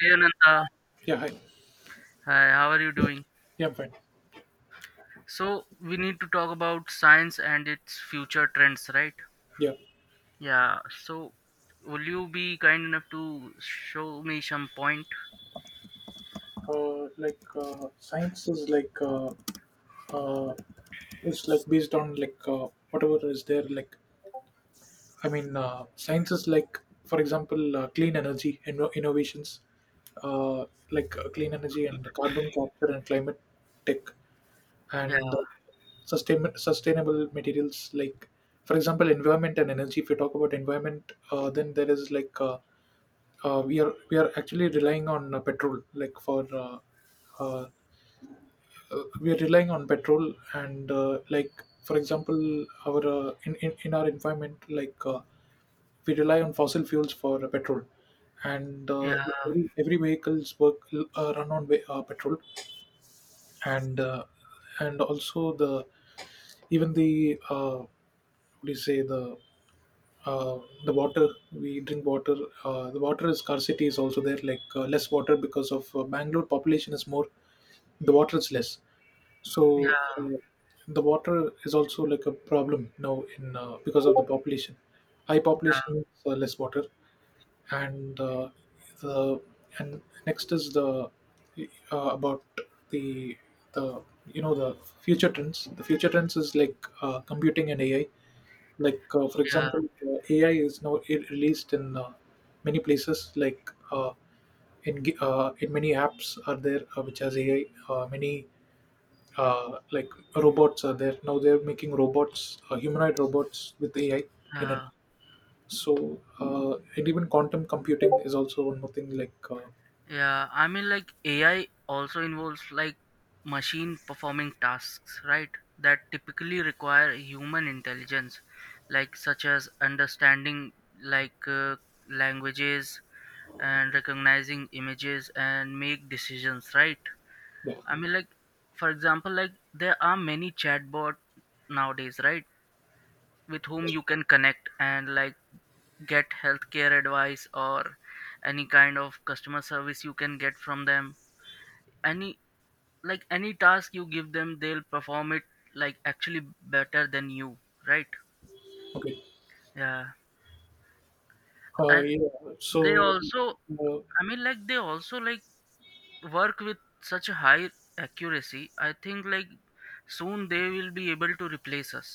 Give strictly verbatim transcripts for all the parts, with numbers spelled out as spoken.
Hey Ananta, Yeah, hi. hi, how are you doing? Yeah, I'm fine. So, we need to talk about science and its future trends, right? Yeah, Yeah, so will you be kind enough to show me some point? uh, like uh, science is like uh, uh, it's like based on like uh, whatever is there. Like I mean, uh, science is like, for example, uh, clean energy inno- innovations, uh, like uh, clean energy and carbon capture and climate tech, Yeah, and uh, sustain- sustainable materials. Like for example, environment and energy. If you talk about environment, uh, then there is like uh, uh, we are we are actually relying on uh, petrol like for uh, uh, uh, we are relying on petrol and uh, like for example our uh, in, in in our environment like uh, we rely on fossil fuels for uh, petrol and uh, yeah, every, every vehicles work uh, run on ve- uh, petrol and uh, and also the even the uh, what do you say, the uh, the water we drink water. Uh, the water scarcity is also there, like uh, less water because of uh, bangalore population is more, the water is less. so yeah, uh, the water is also like a problem now, in uh, because of the population. High population yeah, means uh, less water. And uh, the and next is the uh, about the the you know the future trends. The future trends is like uh, computing and ai. Like uh, for yeah, example, uh, ai is now i- released in uh, many places, like uh, in gi- uh, in many apps are there uh, which has ai. Uh, many uh, like Robots are there. Now they're making robots, uh, humanoid robots with ai in it. yeah, So uh, and even quantum computing is also one more thing, like uh, yeah. I mean, like A I also involves like machine performing tasks, right? That typically require human intelligence, like such as understanding like uh, languages, and recognizing images and make decisions, right? yeah, I mean, like for example, like there are many chatbot nowadays, right, with whom you can connect and like get healthcare advice or any kind of customer service you can get from them. Any like any task you give them, they'll perform it, like actually better than you, right? okay, Yeah. uh, And yeah they so also, uh, i mean like they also like work with such a high accuracy. I think like soon they will be able to replace us.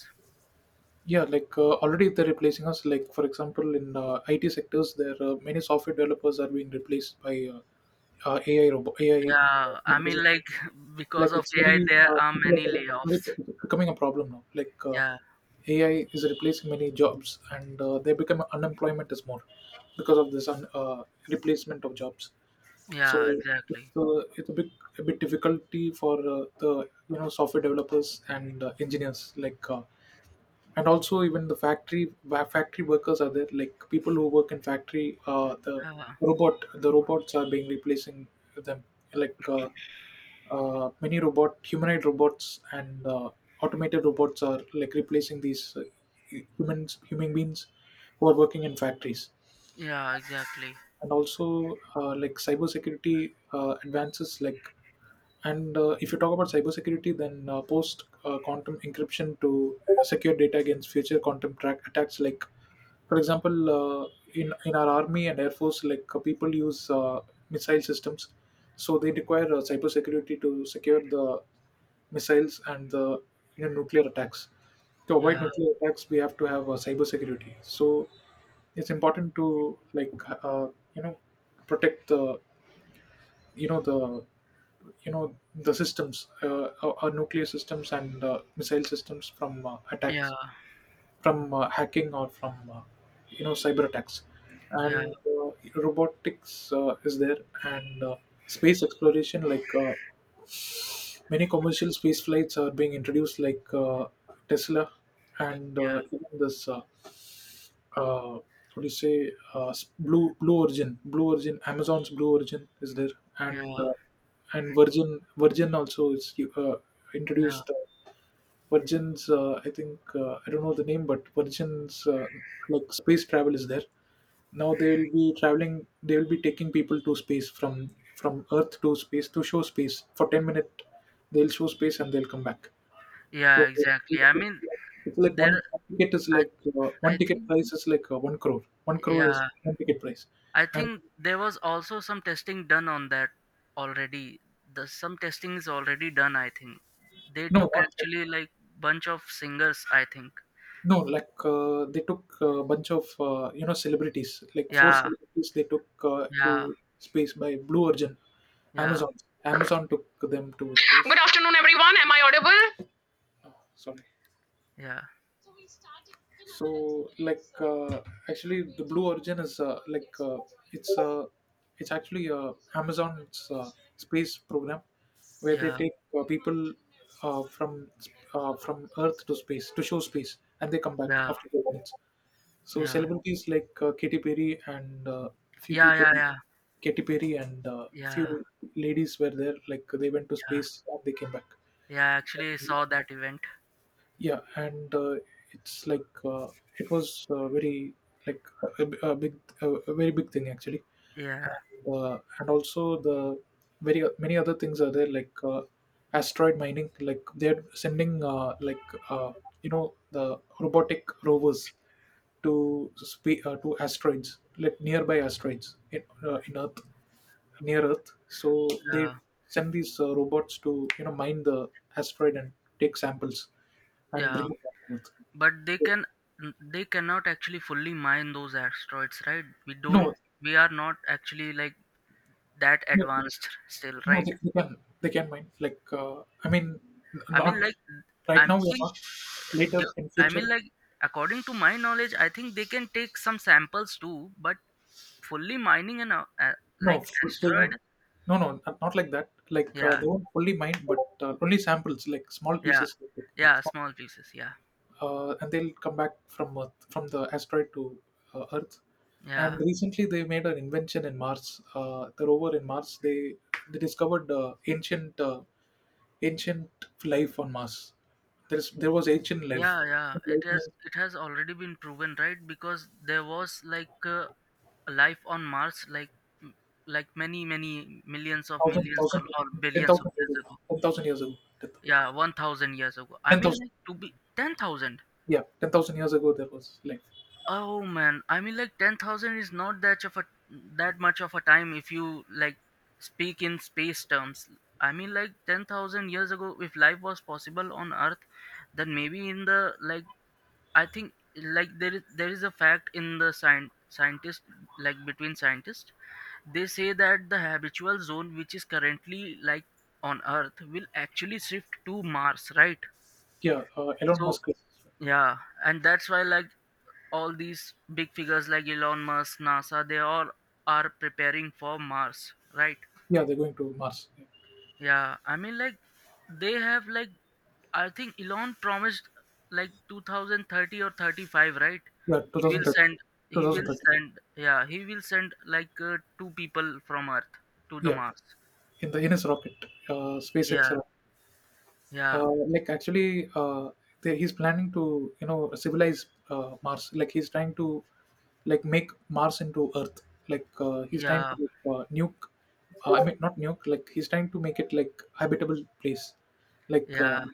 yeah, like uh, already they're replacing us. Like for example in uh, it sectors, there uh, many software developers are being replaced by uh, uh, A I robot A I. Yeah, I mean like because Like of it's very AI there uh, are it's many layoffs. like it's it's becoming a problem now. Like uh, yeah, A I is replacing many jobs, and uh, they become, unemployment is more because of this un, uh, replacement of jobs. yeah, So exactly. it's, uh, it's a big, a bit difficulty for uh, the you know software developers and uh, engineers like. Uh, and also even the factory wa- factory workers are there, like people who work in factory. uh, the Yeah, robot the robots are being replacing them, like uh, uh, many robot humanoid robots and uh, automated robots are like replacing these uh, hu- humans, human beings who are working in factories. yeah, exactly. And also uh, like cybersecurity uh, advances. Like and uh, If you talk about cybersecurity, then uh, post uh, quantum encryption to secure data against future quantum track attacks. Like for example, uh, in in our army and air force, like uh, people use uh, missile systems. So they require uh, cybersecurity to secure the missiles and the you know, nuclear attacks. To avoid Yeah, nuclear attacks, we have to have uh, cyber security. So it's important to like uh, you know protect the you know the you know the systems, uh, our our nuclear systems and uh, missile systems from uh, yeah, attacks, from uh, hacking or from uh, you know cyber attacks. yeah, And uh, robotics uh, is there and uh, space exploration, like uh, many commercial space flights are being introduced, like uh, Tesla and yeah, uh, even this. Uh, uh, what do you say? Uh, s- Blue Blue Origin, Blue Origin, Amazon's Blue Origin is there, yeah, and uh, and Virgin Virgin also is uh, yeah, introduced. Uh, Virgin's, uh, I think, uh, I don't know the name, but Virgin's uh, like space travel is there. Now they'll be traveling. They'll be taking people to space from from Earth to space, to show space for ten minutes. They'll show space and they'll come back. yeah, So exactly. I mean, it's like one there, one ticket is i, like uh, one I ticket think, price is like uh, one crore. One crore is yeah, one ticket price, I and think there was also some testing done on that already. The some testing is already done. I think they no, took not that- actually like bunch of singers, I think. no, like uh, they took a bunch of uh, you know celebrities, like four Yeah, celebrities. They took uh, yeah, to space by Blue Origin, yeah, Amazon. Amazon took them to space. Good afternoon, everyone. Am I audible? Oh, sorry. yeah, so like uh, actually the blue origin is uh, like uh, it's uh, it's actually uh, amazon's uh, space program, where they yeah, take uh, people uh, from uh, from earth to space to show space, and they come back yeah, after the minutes. So yeah, celebrities like uh, katy perry and uh, few yeah, people, yeah, yeah, katy perry and uh, yeah, few ladies were there, like they went to yeah. space and they came back. Yeah, I actually saw that event. Yeah, and uh, it's like uh, it was uh, very like a, a a big, a, a very big thing actually, Yeah, and, uh, and also the very many other things are there, like uh, asteroid mining. Like they're sending uh, like uh, you know the robotic rovers to spe- uh, to asteroids, like nearby asteroids in uh, in Earth, near Earth. So yeah, they send these uh, robots to you know mine the asteroid and take samples and bring yeah. it back to Earth. But they can, they cannot actually fully mine those asteroids, right? We don't, No, we are not actually like that no, advanced still, no, right? they they can they can mind. Like, uh, I mean, I mean, Not like, I right now, we are think, not. Later the- in I mean, future, like, according to my knowledge, I think they can take some samples too, but fully mining an, a- a- no, like, fu- they asteroid, won't. No, no, not not like that. Like, uh, yeah, They won't fully mind, but uh, only samples, like small yeah, pieces, like that. yeah, Small- small pieces, yeah, Uh, and they'll come back from Earth, from the asteroid to uh, Earth. And yeah. recently, they made an invention in Mars. Uh, the rover in Mars, they they discovered uh, ancient uh, ancient life on Mars. There's there was ancient life. Yeah, yeah, Ancient it life has means it has already been proven, right? Because there was like uh, life on Mars, like m- like many many millions of thousand millions or, thousand or ten billions of thousand years years ago. ago. Ten thousand years ago. Yeah, one thousand years ago. I Ten mean, thousand. like to be ten thousand. Yeah, ten thousand years ago there was life. Oh man, I mean like ten thousand is not that of a that much of a time if you like speak in space terms. I mean like ten thousand years ago if life was possible on Earth, then maybe in the like I think like there is there is a fact in the science scientist like between scientists. They say that the habitual zone which is currently like on Earth will actually shift to Mars, right? Yeah, uh, Elon So Musk is, yeah, and that's why like all these big figures like Elon Musk, NASA, they all are preparing for Mars, right? yeah, they're going to Mars. Yeah, I mean like they have like I think Elon promised like twenty thirty or thirty-five, right? Yeah, He will two thousand thirty. send, he will twenty thirty. send yeah, he will send like uh, two people from Earth to the Yeah, Mars. in the in his rocket, uh, SpaceX Yeah. rocket. Yeah. Uh, like actually, uh, they, he's planning to you know civilize uh, Mars. Like he's trying to like make Mars into Earth. Like uh, he's trying to Yeah. uh, nuke. Uh, I mean, not New York. Like he's trying to make it like habitable place. Like uh, Yeah.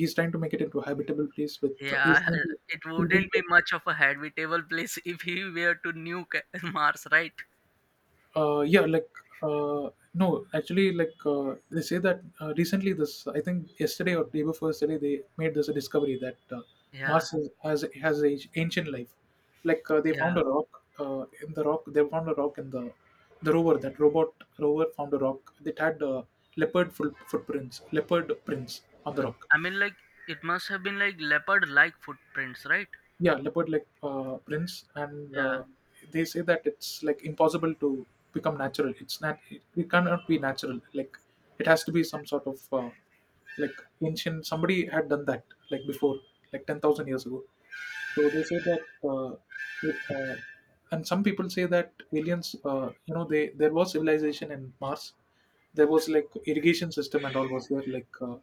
he's trying to make it into a habitable place with uh, he's Yeah, going to it he'll wouldn't be build, much of a habitable place if he were to nuke Mars, right? uh, yeah like uh, no actually like uh, they say that uh, recently, this I think yesterday or day before yesterday, they made this discovery that uh, Yeah, Mars has has has a ancient life. Like uh, they found yeah. a rock uh, in the rock they found a rock in the the rover that robot rover found a rock that had uh, leopard full footprints leopard prints on the rock. I mean, like, it must have been like leopard like footprints, right? Yeah, leopard like uh, prints, and Yeah, uh, they say that it's like impossible to become natural, it's not it, it cannot be natural, like it has to be some sort of uh, like ancient, somebody had done that like before, like ten thousand years ago. So they say that uh, it, uh, and some people say that aliens uh, you know, they there was civilization in mars. There was like irrigation system and all was there, like uh,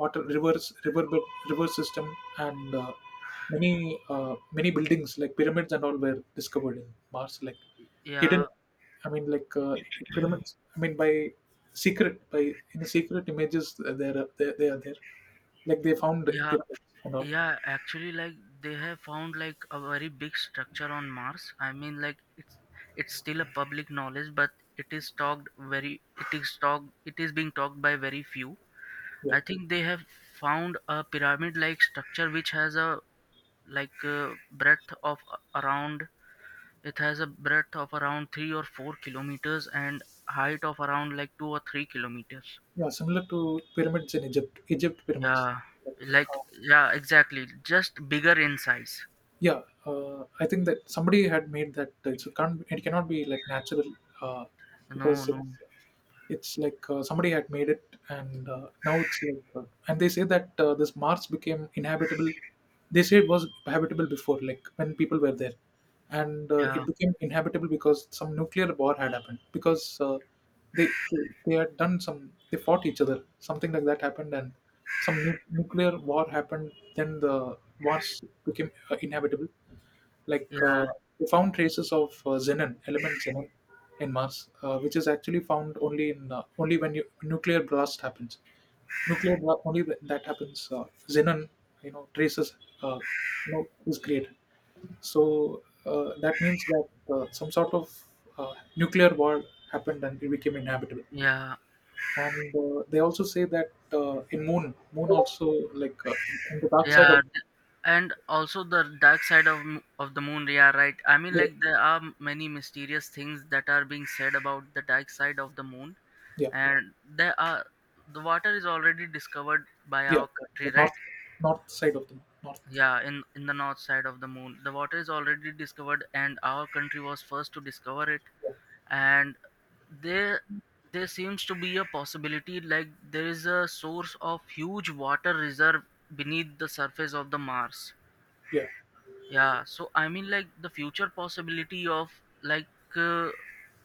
water rivers, river river system, and uh, many uh, many buildings like pyramids and all were discovered in Mars, like hidden. yeah, I mean, like uh, Pyramids, I mean, by secret, by in secret images, uh, they're, uh, they they are there. Like they found yeah, pyramids and all. yeah. Actually, like, they have found like a very big structure on Mars. I mean, like, it's it's still a public knowledge, but it is talked very, it is talked, it is being talked by very few. Yeah, I think they have found a pyramid like structure which has a like uh, breadth of a- around, it has a breadth of around three or four kilometers and height of around like two or three kilometers. yeah, similar to pyramids in Egypt, Egypt pyramids. Yeah, But, like uh, yeah, exactly, just bigger in size. yeah, uh, I think that somebody had made that. It's, it can't, it cannot be like natural, uh, No, because no. it's it's like uh, somebody had made it, and uh, now it's like, uh, and they say that uh, this Mars became inhabitable. They say it was habitable before, like when people were there, and uh, Yeah, it became inhabitable because some nuclear war had happened. Because uh, they they had done some, they fought each other. Something like that happened, and some nu- nuclear war happened. Then the Mars became uh, inhabitable, like uh, yeah, we found traces of uh, xenon, element xenon, in Mars, uh, which is actually found only in uh, only when you, nuclear blast happens. Nuclear blast only when that happens. Uh, xenon, you know, traces, uh, you know, is created. So uh, that means that uh, some sort of uh, nuclear war happened and it became inhabitable. yeah, And uh, they also say that uh, in Moon, Moon also like uh, on the dark side yeah, of, th- and also the dark side of m- of the moon, yeah, right? I mean, yeah, like there are m- many mysterious things that are being said about the dark side of the moon. yeah, And there are, the water is already discovered by yeah, our country, the right? north, north side of the north. Yeah, in, in the north side of the moon. The water is already discovered and our country was first to discover it. Yeah. And there there seems to be a possibility like there is a source of huge water reserve beneath the surface of the Mars. Yeah. Yeah, so I mean like the future possibility of like uh,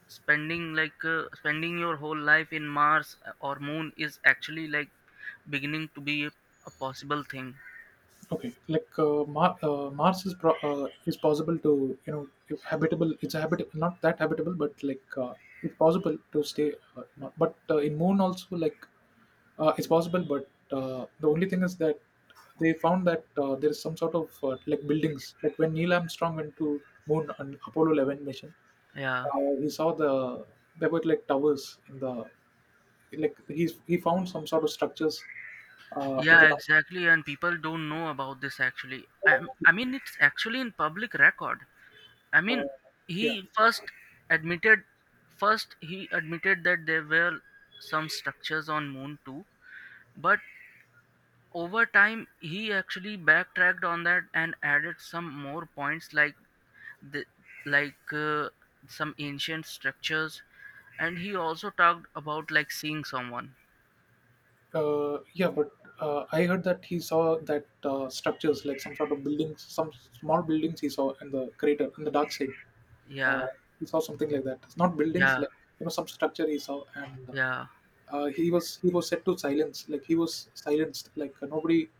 spending like uh, spending your whole life in Mars uh, or moon is actually like beginning to be a, a possible thing. Okay. Like uh, Mar- uh, Mars is pro- uh, is possible to you know habitable. It's habitable, not that habitable, but like uh, it's possible to stay. Uh, Mar- but uh, In Moon also like uh, it's possible, but uh, the only thing is that they found that uh, there is some sort of uh, like buildings. Like when Neil Armstrong went to Moon on Apollo eleven mission, Yeah. uh, he saw the there were like towers in the like he's he found some sort of structures uh, in Yeah, the exactly. And people don't know about this actually. I, I mean, it's actually in public record. I mean, uh, yeah. he first admitted, first he admitted that there were some structures on Moon too. But over time, he actually backtracked on that and added some more points like the like uh, some ancient structures. And he also talked about like seeing someone. Uh, yeah, but uh, I heard that he saw that uh, structures, like some sort of buildings, some small buildings he saw in the crater, in the dark side. Yeah, Uh, he saw something like that. It's not buildings, yeah, like you know, some structure he saw, and uh, yeah, uh, he was he was set to silence. Like he was silenced. Like uh, nobody,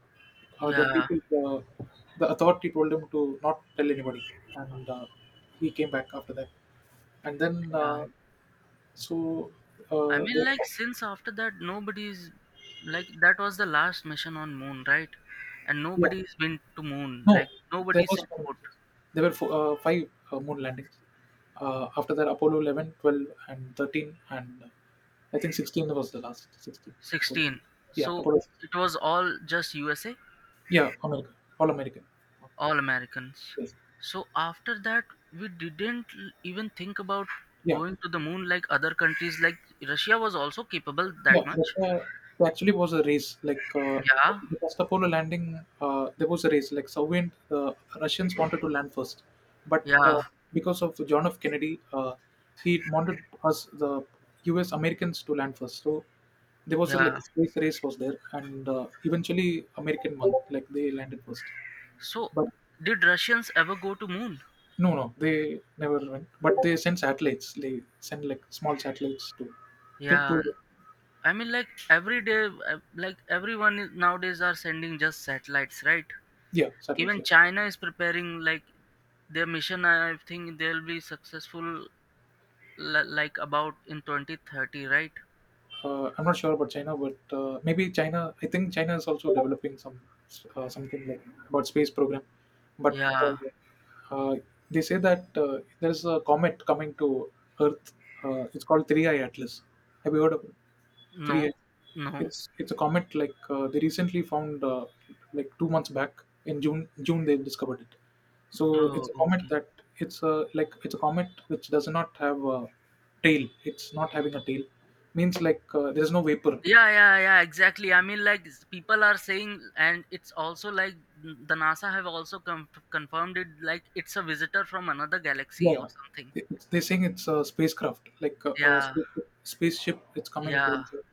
uh, the yeah, people, uh, the authority told him to not tell anybody, and uh, he came back after that. And then yeah. uh, so I uh, mean, there, like since after that, nobody's like that was the last mission on moon, right? And Yeah. nobody's been to moon. No, Like there nobody was set more. foot. There were four, uh, five uh, moon landings. Uh, after that, Apollo eleven, twelve, and thirteen, and uh, I think sixteen was the last. sixteen. Apollo. Sixteen. Yeah, So Apollo. sixteen. it was all just U S A, Yeah, America. All American. all Americans. Yes. So after that, we didn't l- even think about Yeah. going to the moon like other countries. Like Russia was also capable that Yeah, Russia, much. there actually was a race. Like uh, Yeah, the first Apollo landing, uh, there was a race. Like Soviet, uh, Russians wanted to land first, but uh, yeah, because of John F. Kennedy, uh, he wanted us the U S. Americans to land first. So there was a yeah. like space race was there, and uh, eventually American won. Like they landed first, So but did Russians ever go to moon? no, no, they never went. But they sent satellites. They sent like small satellites to, to, Yeah, to I mean, like every day, uh, like everyone is, nowadays are sending just satellites, right? yeah, satellites. Even Yeah. China is preparing like their mission. I think they'll be successful, li- like about in twenty thirty, right? Uh, I'm not sure about China, but uh, maybe China. I think China is also developing some uh, something like about space program. But uh, Yeah. uh, they say that uh, there's a comet coming to Earth. Uh, it's called three I Atlas. Have you heard of it? 3 No. a- No. it's it's a comet, like uh, they recently found, uh, like 2 months back, in June June they discovered it. So Oh, it's a comet okay. that, it's a like it's a comet which does not have a tail. It's not having a tail. Means like uh, there's no vapor. Yeah, yeah, yeah, exactly. I mean, like s- people are saying, and it's also like n- the NASA have also com- confirmed it. Like it's a visitor from another galaxy or Yeah. something. It- it's- they're saying it's a spacecraft, like a, a Yeah, spaceship. Spaceship, it's coming yeah, towards Earth.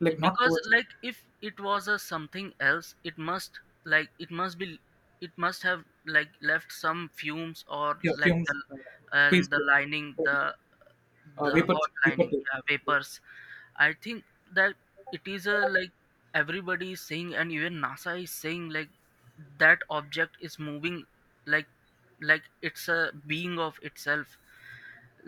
Like not because towards. like if it was a something else it must, like it must be, it must have like left some fumes or Yeah, like the, fumes. Uh, and Space. the lining, Uh, the the Vapor. hot Vapor lining, tail. yeah, vapors. I think that it is a like, everybody is saying and even NASA is saying like that object is moving like like it's a being of itself,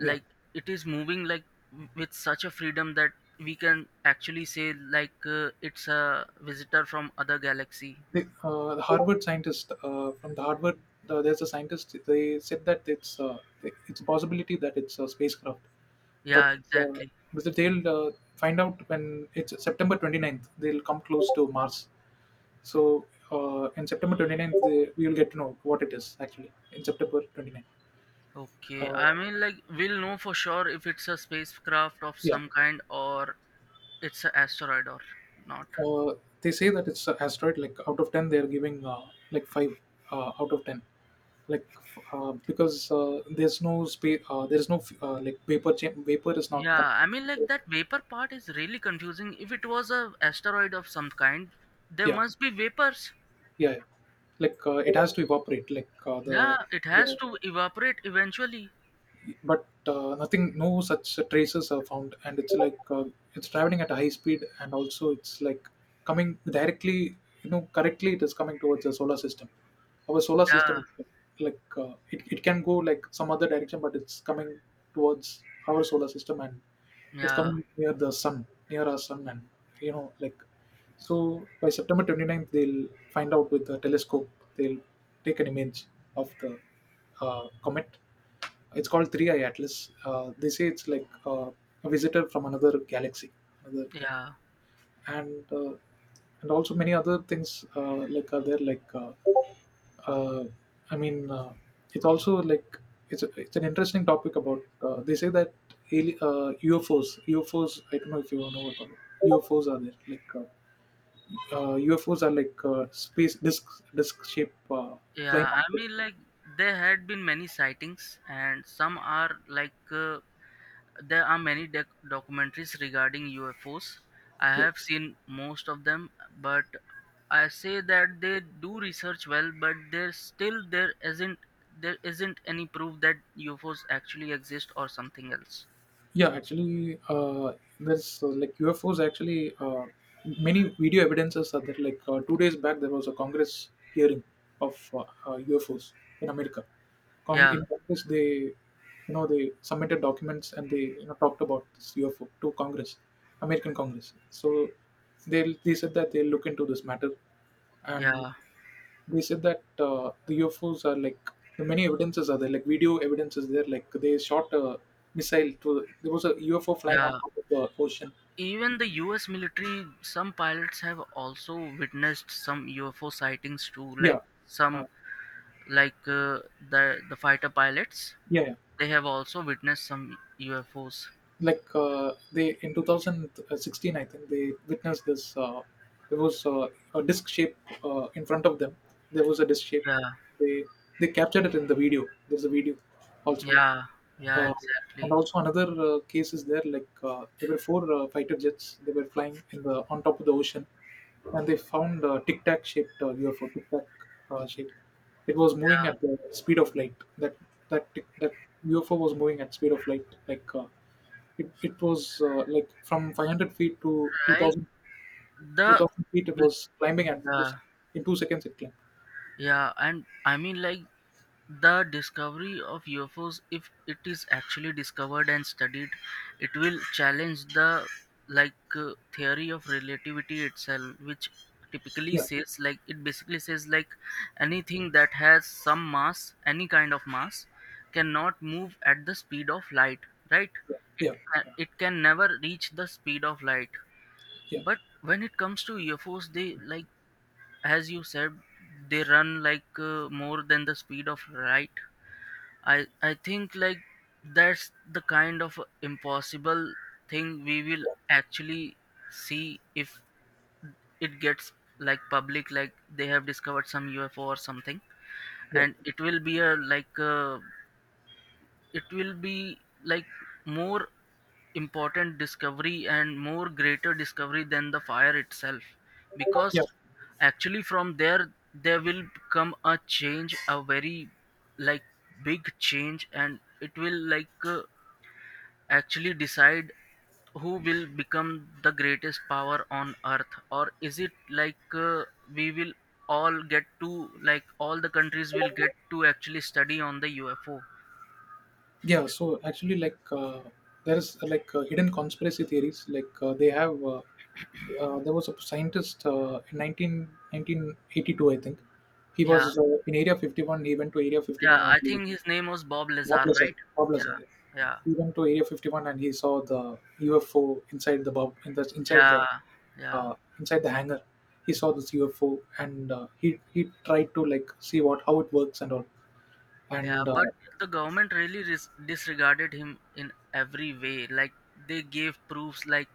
Yeah. it is moving like w- with such a freedom that we can actually say like uh, it's a visitor from other galaxy. The, uh, the Harvard scientist, uh, from the Harvard, uh, there's a scientist. They said that it's uh, it's a possibility that it's a spacecraft, Yeah, but uh, exactly. but they'll uh, find out when it's September 29th. They'll come close to Mars. So uh, in September 29th, they, we will get to know what it is actually in September 29th. Okay, Uh, I mean like we'll know for sure if it's a spacecraft of yeah, some kind or it's an asteroid or not. uh, they say that it's an asteroid. Like out of ten, they are giving uh, like five, uh, out of ten. Like uh, because uh, there's no space, uh, there's no, uh, like vapor cham- vapor is not Yeah, com- I mean like that vapor part is really confusing. If it was a asteroid of some kind, there yeah, must be vapors. yeah, yeah, like uh, it has to evaporate, like uh, Yeah, the, it has the to evaporate eventually. but uh, nothing. No such traces are found, and it's like uh, it's traveling at a high speed, and also it's like coming directly, you know, correctly. It is coming towards the solar system, our solar system. Yeah, Like uh, it, it can go like some other direction, but it's coming towards our solar system, and it's yeah, coming near the sun, near our sun. And you know, like, so by September 29th, they'll find out with the telescope. They'll take an image of the uh, comet. It's called Three Eye Atlas. Uh, they say it's like, uh, a visitor from another galaxy, another ga- yeah. and uh, and also many other things, uh, like are there, like uh, uh, I mean, uh, it's also like, it's a, it's an interesting topic about, uh, they say that ali- uh, U F Os. U F Os I don't know if you know about U F Os. Are there, like uh, uh, U F Os are like uh, space disc, disc shape, uh, flying Yeah, I object. mean, like there had been many sightings, and some are like uh, there are many doc- documentaries regarding U F Os. I have seen most of them, but I say that they do research well, but there still there isn't there isn't any proof that U F Os actually exist or something else. Yeah, actually, uh, there's uh, like U F Os. Actually, uh, many video evidences are there. Like uh, two days back there was a Congress hearing of uh, uh, U F Os in America. Cong- Yeah, In Congress, they you know they submitted documents, and they, you know talked about this U F O to Congress, American Congress. So they they said that they'll look into this matter, and yeah, they said that uh, the U F Os are like the many evidences are there, like video evidence is there. Like they shot a missile to, there was a U F O flying on yeah. top of the ocean. Even the U S military, some pilots have also witnessed some U F O sightings too, like Yeah, some uh, like uh, the the fighter pilots, yeah, yeah. they have also witnessed some U F Os. Like uh, they, in twenty sixteen, I think they witnessed this. Uh, there was uh, a disc shape, uh, in front of them. There was a disc shape. Yeah, They they captured it in the video. There's a video also. yeah, yeah, Uh, and exactly. also another uh, case is there, like uh, there were four uh, fighter jets. They were flying in the on top of the ocean, and they found a tic tac shaped, uh, U F O, tic tac, uh, shape. It was moving Yeah, at the speed of light. That that tic- that U F O was moving at speed of light. Like uh, it, it was uh, like from five hundred feet to like two thousand the two thousand feet. It big- was climbing at two yeah, sec- in two seconds. It climbed. yeah. And I mean like the discovery of U F Os, if it is actually discovered and studied, it will challenge the like uh, theory of relativity itself, which typically Yeah, says like, it basically says like anything that has some mass, any kind of mass, cannot move at the speed of light, right? yeah, It ca- it can never reach the speed of light. yeah, But when it comes to U F Os, they like, as you said, they run like uh, more than the speed of light. I I think like that's the kind of impossible thing we will actually see, if it gets like public, like they have discovered some U F O or something. yeah, And it will be a like a, it will be like more important discovery and more greater discovery than the fire itself, yeah. because actually from there there will come a change, a very like big change, and it will like uh, actually decide who will become the greatest power on earth. Or is it like uh, we will all get to, like all the countries will get to actually study on the UFO. Yeah, so actually, like uh, there is uh, like uh, hidden conspiracy theories. Like uh, they have, uh, uh, there was a scientist, uh, in nineteen nineteen eighty two, I think. He Yeah. was uh, in Area fifty-one. He went to Area Yeah, fifty-one, and I he, think his name was Bob Lazar, Wobbler Sir- right? Wobbler Yeah, Sir, yeah, he went to Area fifty-one and he saw the U F O inside the bub in the inside the yeah, yeah, uh, inside the hangar. He saw this U F O, and uh, he he tried to like see what how it works and all. yeah. And But uh, the government really ris- disregarded him in every way. Like they gave proofs like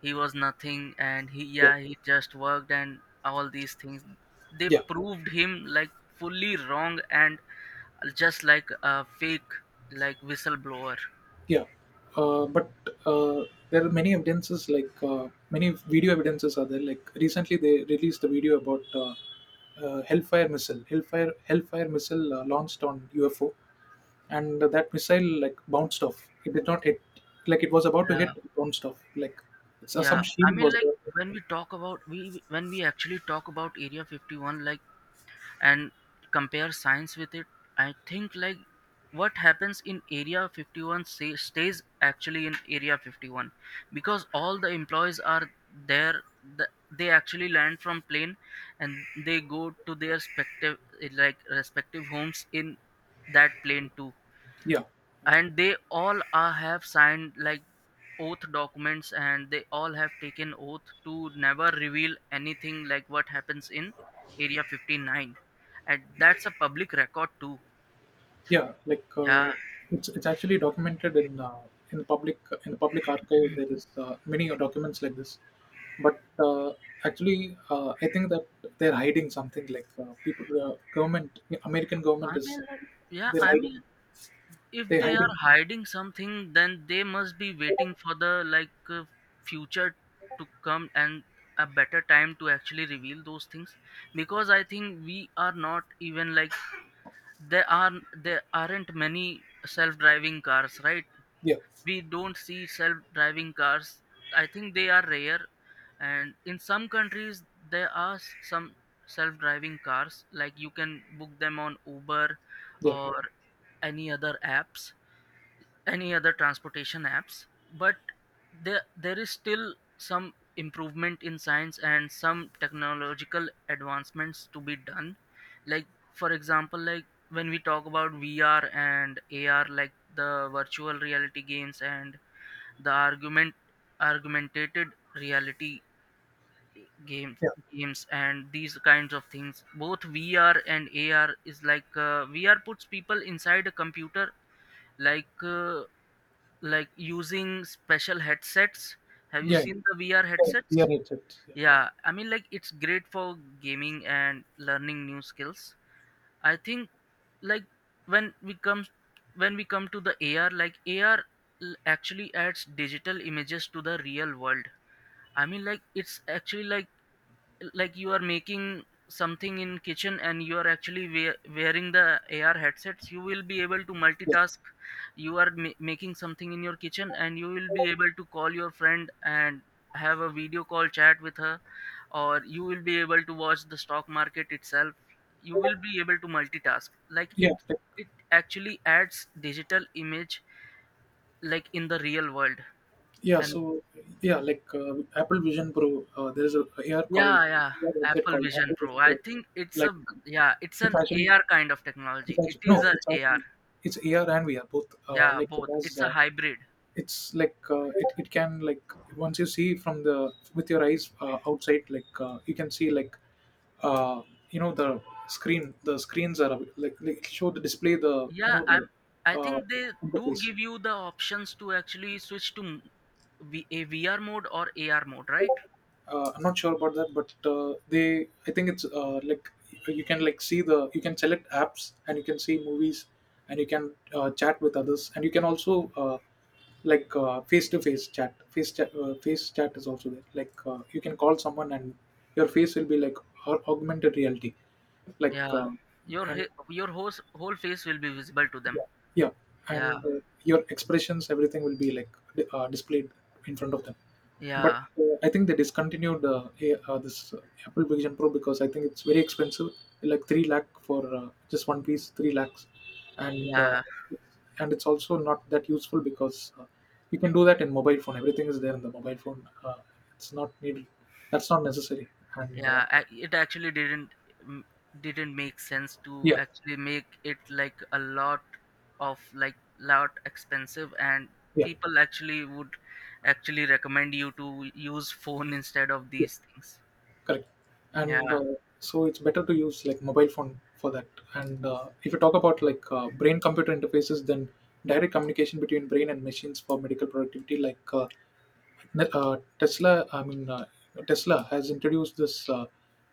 he was nothing, and he, yeah, yeah, he just worked and all these things. They yeah. proved him like fully wrong and just like a fake like whistleblower. Yeah, uh, but uh, there are many evidences, like uh, many video evidences are there. Like recently, they released a video about uh, uh, Hellfire missile, Hellfire Hellfire missile, uh, launched on U F O, and that missile like bounced off. It did not hit, like it was about to Yeah, hit, it bounced off. Like it's, uh, yeah. some I shield mean, was like there. when we talk about we when we actually talk about Area fifty-one, like and compare science with it, I think like what happens in area fifty-one say, stays actually in area fifty-one, because all the employees are there. the, they actually land from plane and they go to their respective like respective homes in that plane too. Yeah. And they all are have signed like oath documents and they all have taken oath to never reveal anything like what happens in area fifty-nine, and that's a public record too. Yeah, like Yeah, uh, it's it's actually documented in uh, in the public in the public archive. There is, uh, many documents like this, but uh, actually, uh, I think that they're hiding something. Like uh, people, uh, government, American government i mean is like, yeah they're I hiding. mean, if They're they are hiding. hiding something then they must be waiting for the like uh, future to come, and a better time to actually reveal those things. Because I think we are not even like, there are there aren't many self-driving cars, right? Yeah, We don't see self-driving cars. I think they are rare, and in some countries there are s- some self-driving cars, like you can book them on uber yeah, or any other apps, any other transportation apps. But there there is still some improvement in science and some technological advancements to be done. Like for example like, when we talk about vr and ar, like the virtual reality games and the argument argumentated reality games yeah, games and these kinds of things. Both vr and ar is like, uh, vr puts people inside a computer, like uh, like using special headsets. Have you yeah, seen the V R yeah. Yeah, headsets? yeah. It's- yeah, Yeah, I mean, like it's great for gaming and learning new skills. I think like when we come, when we come to the A R, like A R actually adds digital images to the real world. I mean, like it's actually like like you are making something in kitchen and you are actually wea- wearing the ar headsets, you will be able to yeah, multitask. You are ma- making something in your kitchen and you will be able to call your friend and have a video call chat with her, or you will be able to watch the stock market itself. You will be able to multitask like yeah. it like- it actually adds digital image like in the real world. Yeah. And So yeah, like uh, Apple Vision Pro. Uh, there is a, AR called yeah, yeah. A R headset Apple called Vision Apple Vision Pro. I Pro. think it's a, Like yeah, it's it's an actually A R kind of technology. It's It actually is no, a it's AR. actually it's A R and V R both. Uh, Yeah, Like both. because It's a uh, hybrid. it's like uh, it it can like once you see from the with your eyes, uh, outside, like uh, you can see like, uh, you know the screen. The screens are like, like show the display the you Yeah, know the I'm. I uh, think they do interface. give you the options to actually switch to m- V- a V R mode or A R mode, right? uh, I'm not sure about that, but uh, they I think it's uh, like you can like see the you can select apps, and you can see movies, and you can uh, chat with others, and you can also uh, like face to face chat, face chat uh, face chat is also there, like uh, you can call someone and your face will be like au- augmented reality, like Yeah. uh, Your and he- your whole whole face will be visible to yeah, them. yeah. Yeah, And uh, your expressions, everything will be like di- uh, displayed in front of them. But yeah, uh, I think they discontinued, uh, a- uh, this uh, Apple Vision Pro, because I think it's very expensive, like three lakh for, uh, just one piece, three lakhs, and uh, yeah. and it's also not that useful because uh, you can do that in mobile phone. Everything is there in the mobile phone. Uh, it's not needed. That's not necessary. And uh, Yeah, a- it actually didn't m- didn't make sense to yeah, actually make it like a lot of like lot expensive, and yeah. people actually would actually recommend you to use phone instead of these things. Correct. And Yeah, uh, so it's better to use like mobile phone for that. And uh, if you talk about like uh, brain computer interfaces, then direct communication between brain and machines for medical productivity, like uh, ne- uh, Tesla, I mean, uh, Tesla has introduced this uh,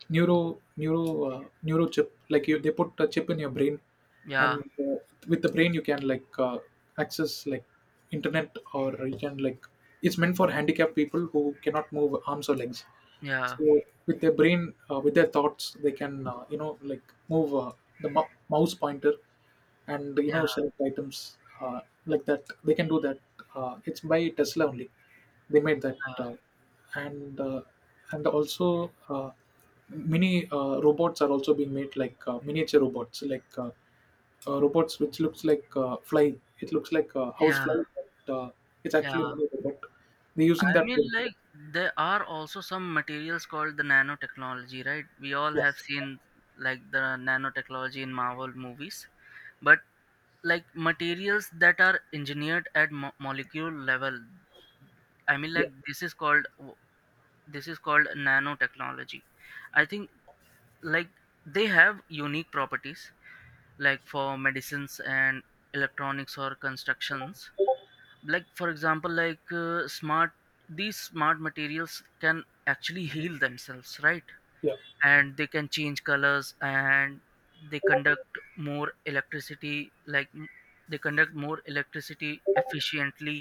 neuro neuro uh, neuro chip. Like you, they put a chip in your brain, yeah, and uh, with the brain you can like uh, access like internet, or you can like it's meant for handicapped people who cannot move arms or legs. yeah, So with their brain, uh, with their thoughts, they can uh, you know like move uh, the mou- mouse pointer, and you yeah, know select items, uh, like that. They can do that. Uh, it's by Tesla only. They made that, yeah, uh, and uh, and also uh, mini uh, robots are also being made, like uh, miniature robots, like uh, uh, robots which looks like uh, fly. It looks like a house yeah. fly, but uh, it's actually a Yeah. mini robot. They're I using that mean, for- like there are also some materials called the nanotechnology, right? We all have yes. seen like the nanotechnology in Marvel movies, but like materials that are engineered at mo- molecule level. I mean like Yeah, this is called, this is called nanotechnology. I think like they have unique properties, like for medicines and electronics or constructions. Like for example like, uh, smart, these smart materials can actually heal themselves, right? yeah. And they can change colors, and they conduct more electricity, like m- they conduct more electricity efficiently.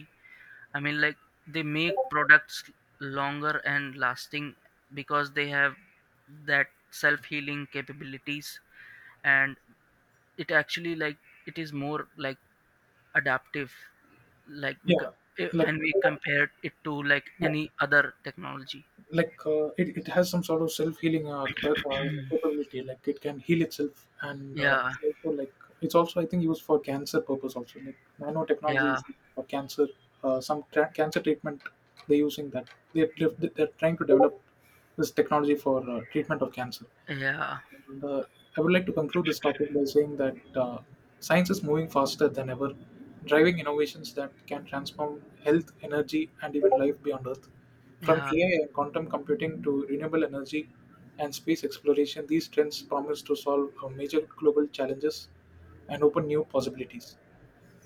I mean like they make products longer and lasting, because they have that self healing capabilities. And it actually like, it is more like adaptive, like we Yeah, co- eh, like when we compare it to like yeah, any other technology. like uh, it, it has some sort of self healing, uh, capa- uh, capability. Like it can heal itself, and uh, Yeah, it's also like it's also I think used for cancer purpose also. Like nanotechnology yeah, is used for cancer. Uh, some tra- cancer treatment, they're using that, they're they're they're trying to develop this technology for uh, treatment of cancer. yeah, And, uh, I would like to conclude this topic by saying that uh, science is moving faster than ever, driving innovations that can transform health, energy, and even life beyond Earth. From yeah, A I and quantum computing to renewable energy and space exploration, these trends promise to solve uh, major global challenges and open new possibilities.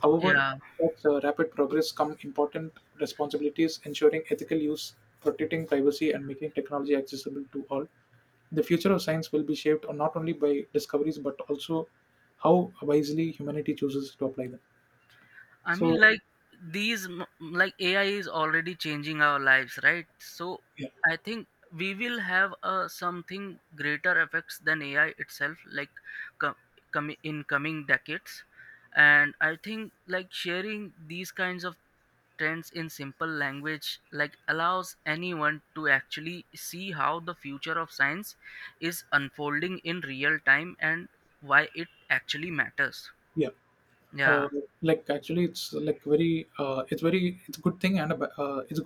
However, yeah. such uh, rapid progress come important responsibilities, ensuring ethical use, protecting privacy, and making technology accessible to all. The future of science will be shaped not only by discoveries but also how wisely humanity chooses to apply them. I mean, So, like these, m- like A I is already changing our lives, right? So yeah, I think we will have uh, something greater effects than A I itself, like com- com- in coming decades. And I think like sharing these kinds of trends in simple language like allows anyone to actually see how the future of science is unfolding in real time, and why it actually matters. yeah. Yeah. Uh, like actually, it's like very, uh, it's very, it's a good thing, and a, ba- uh, it's a good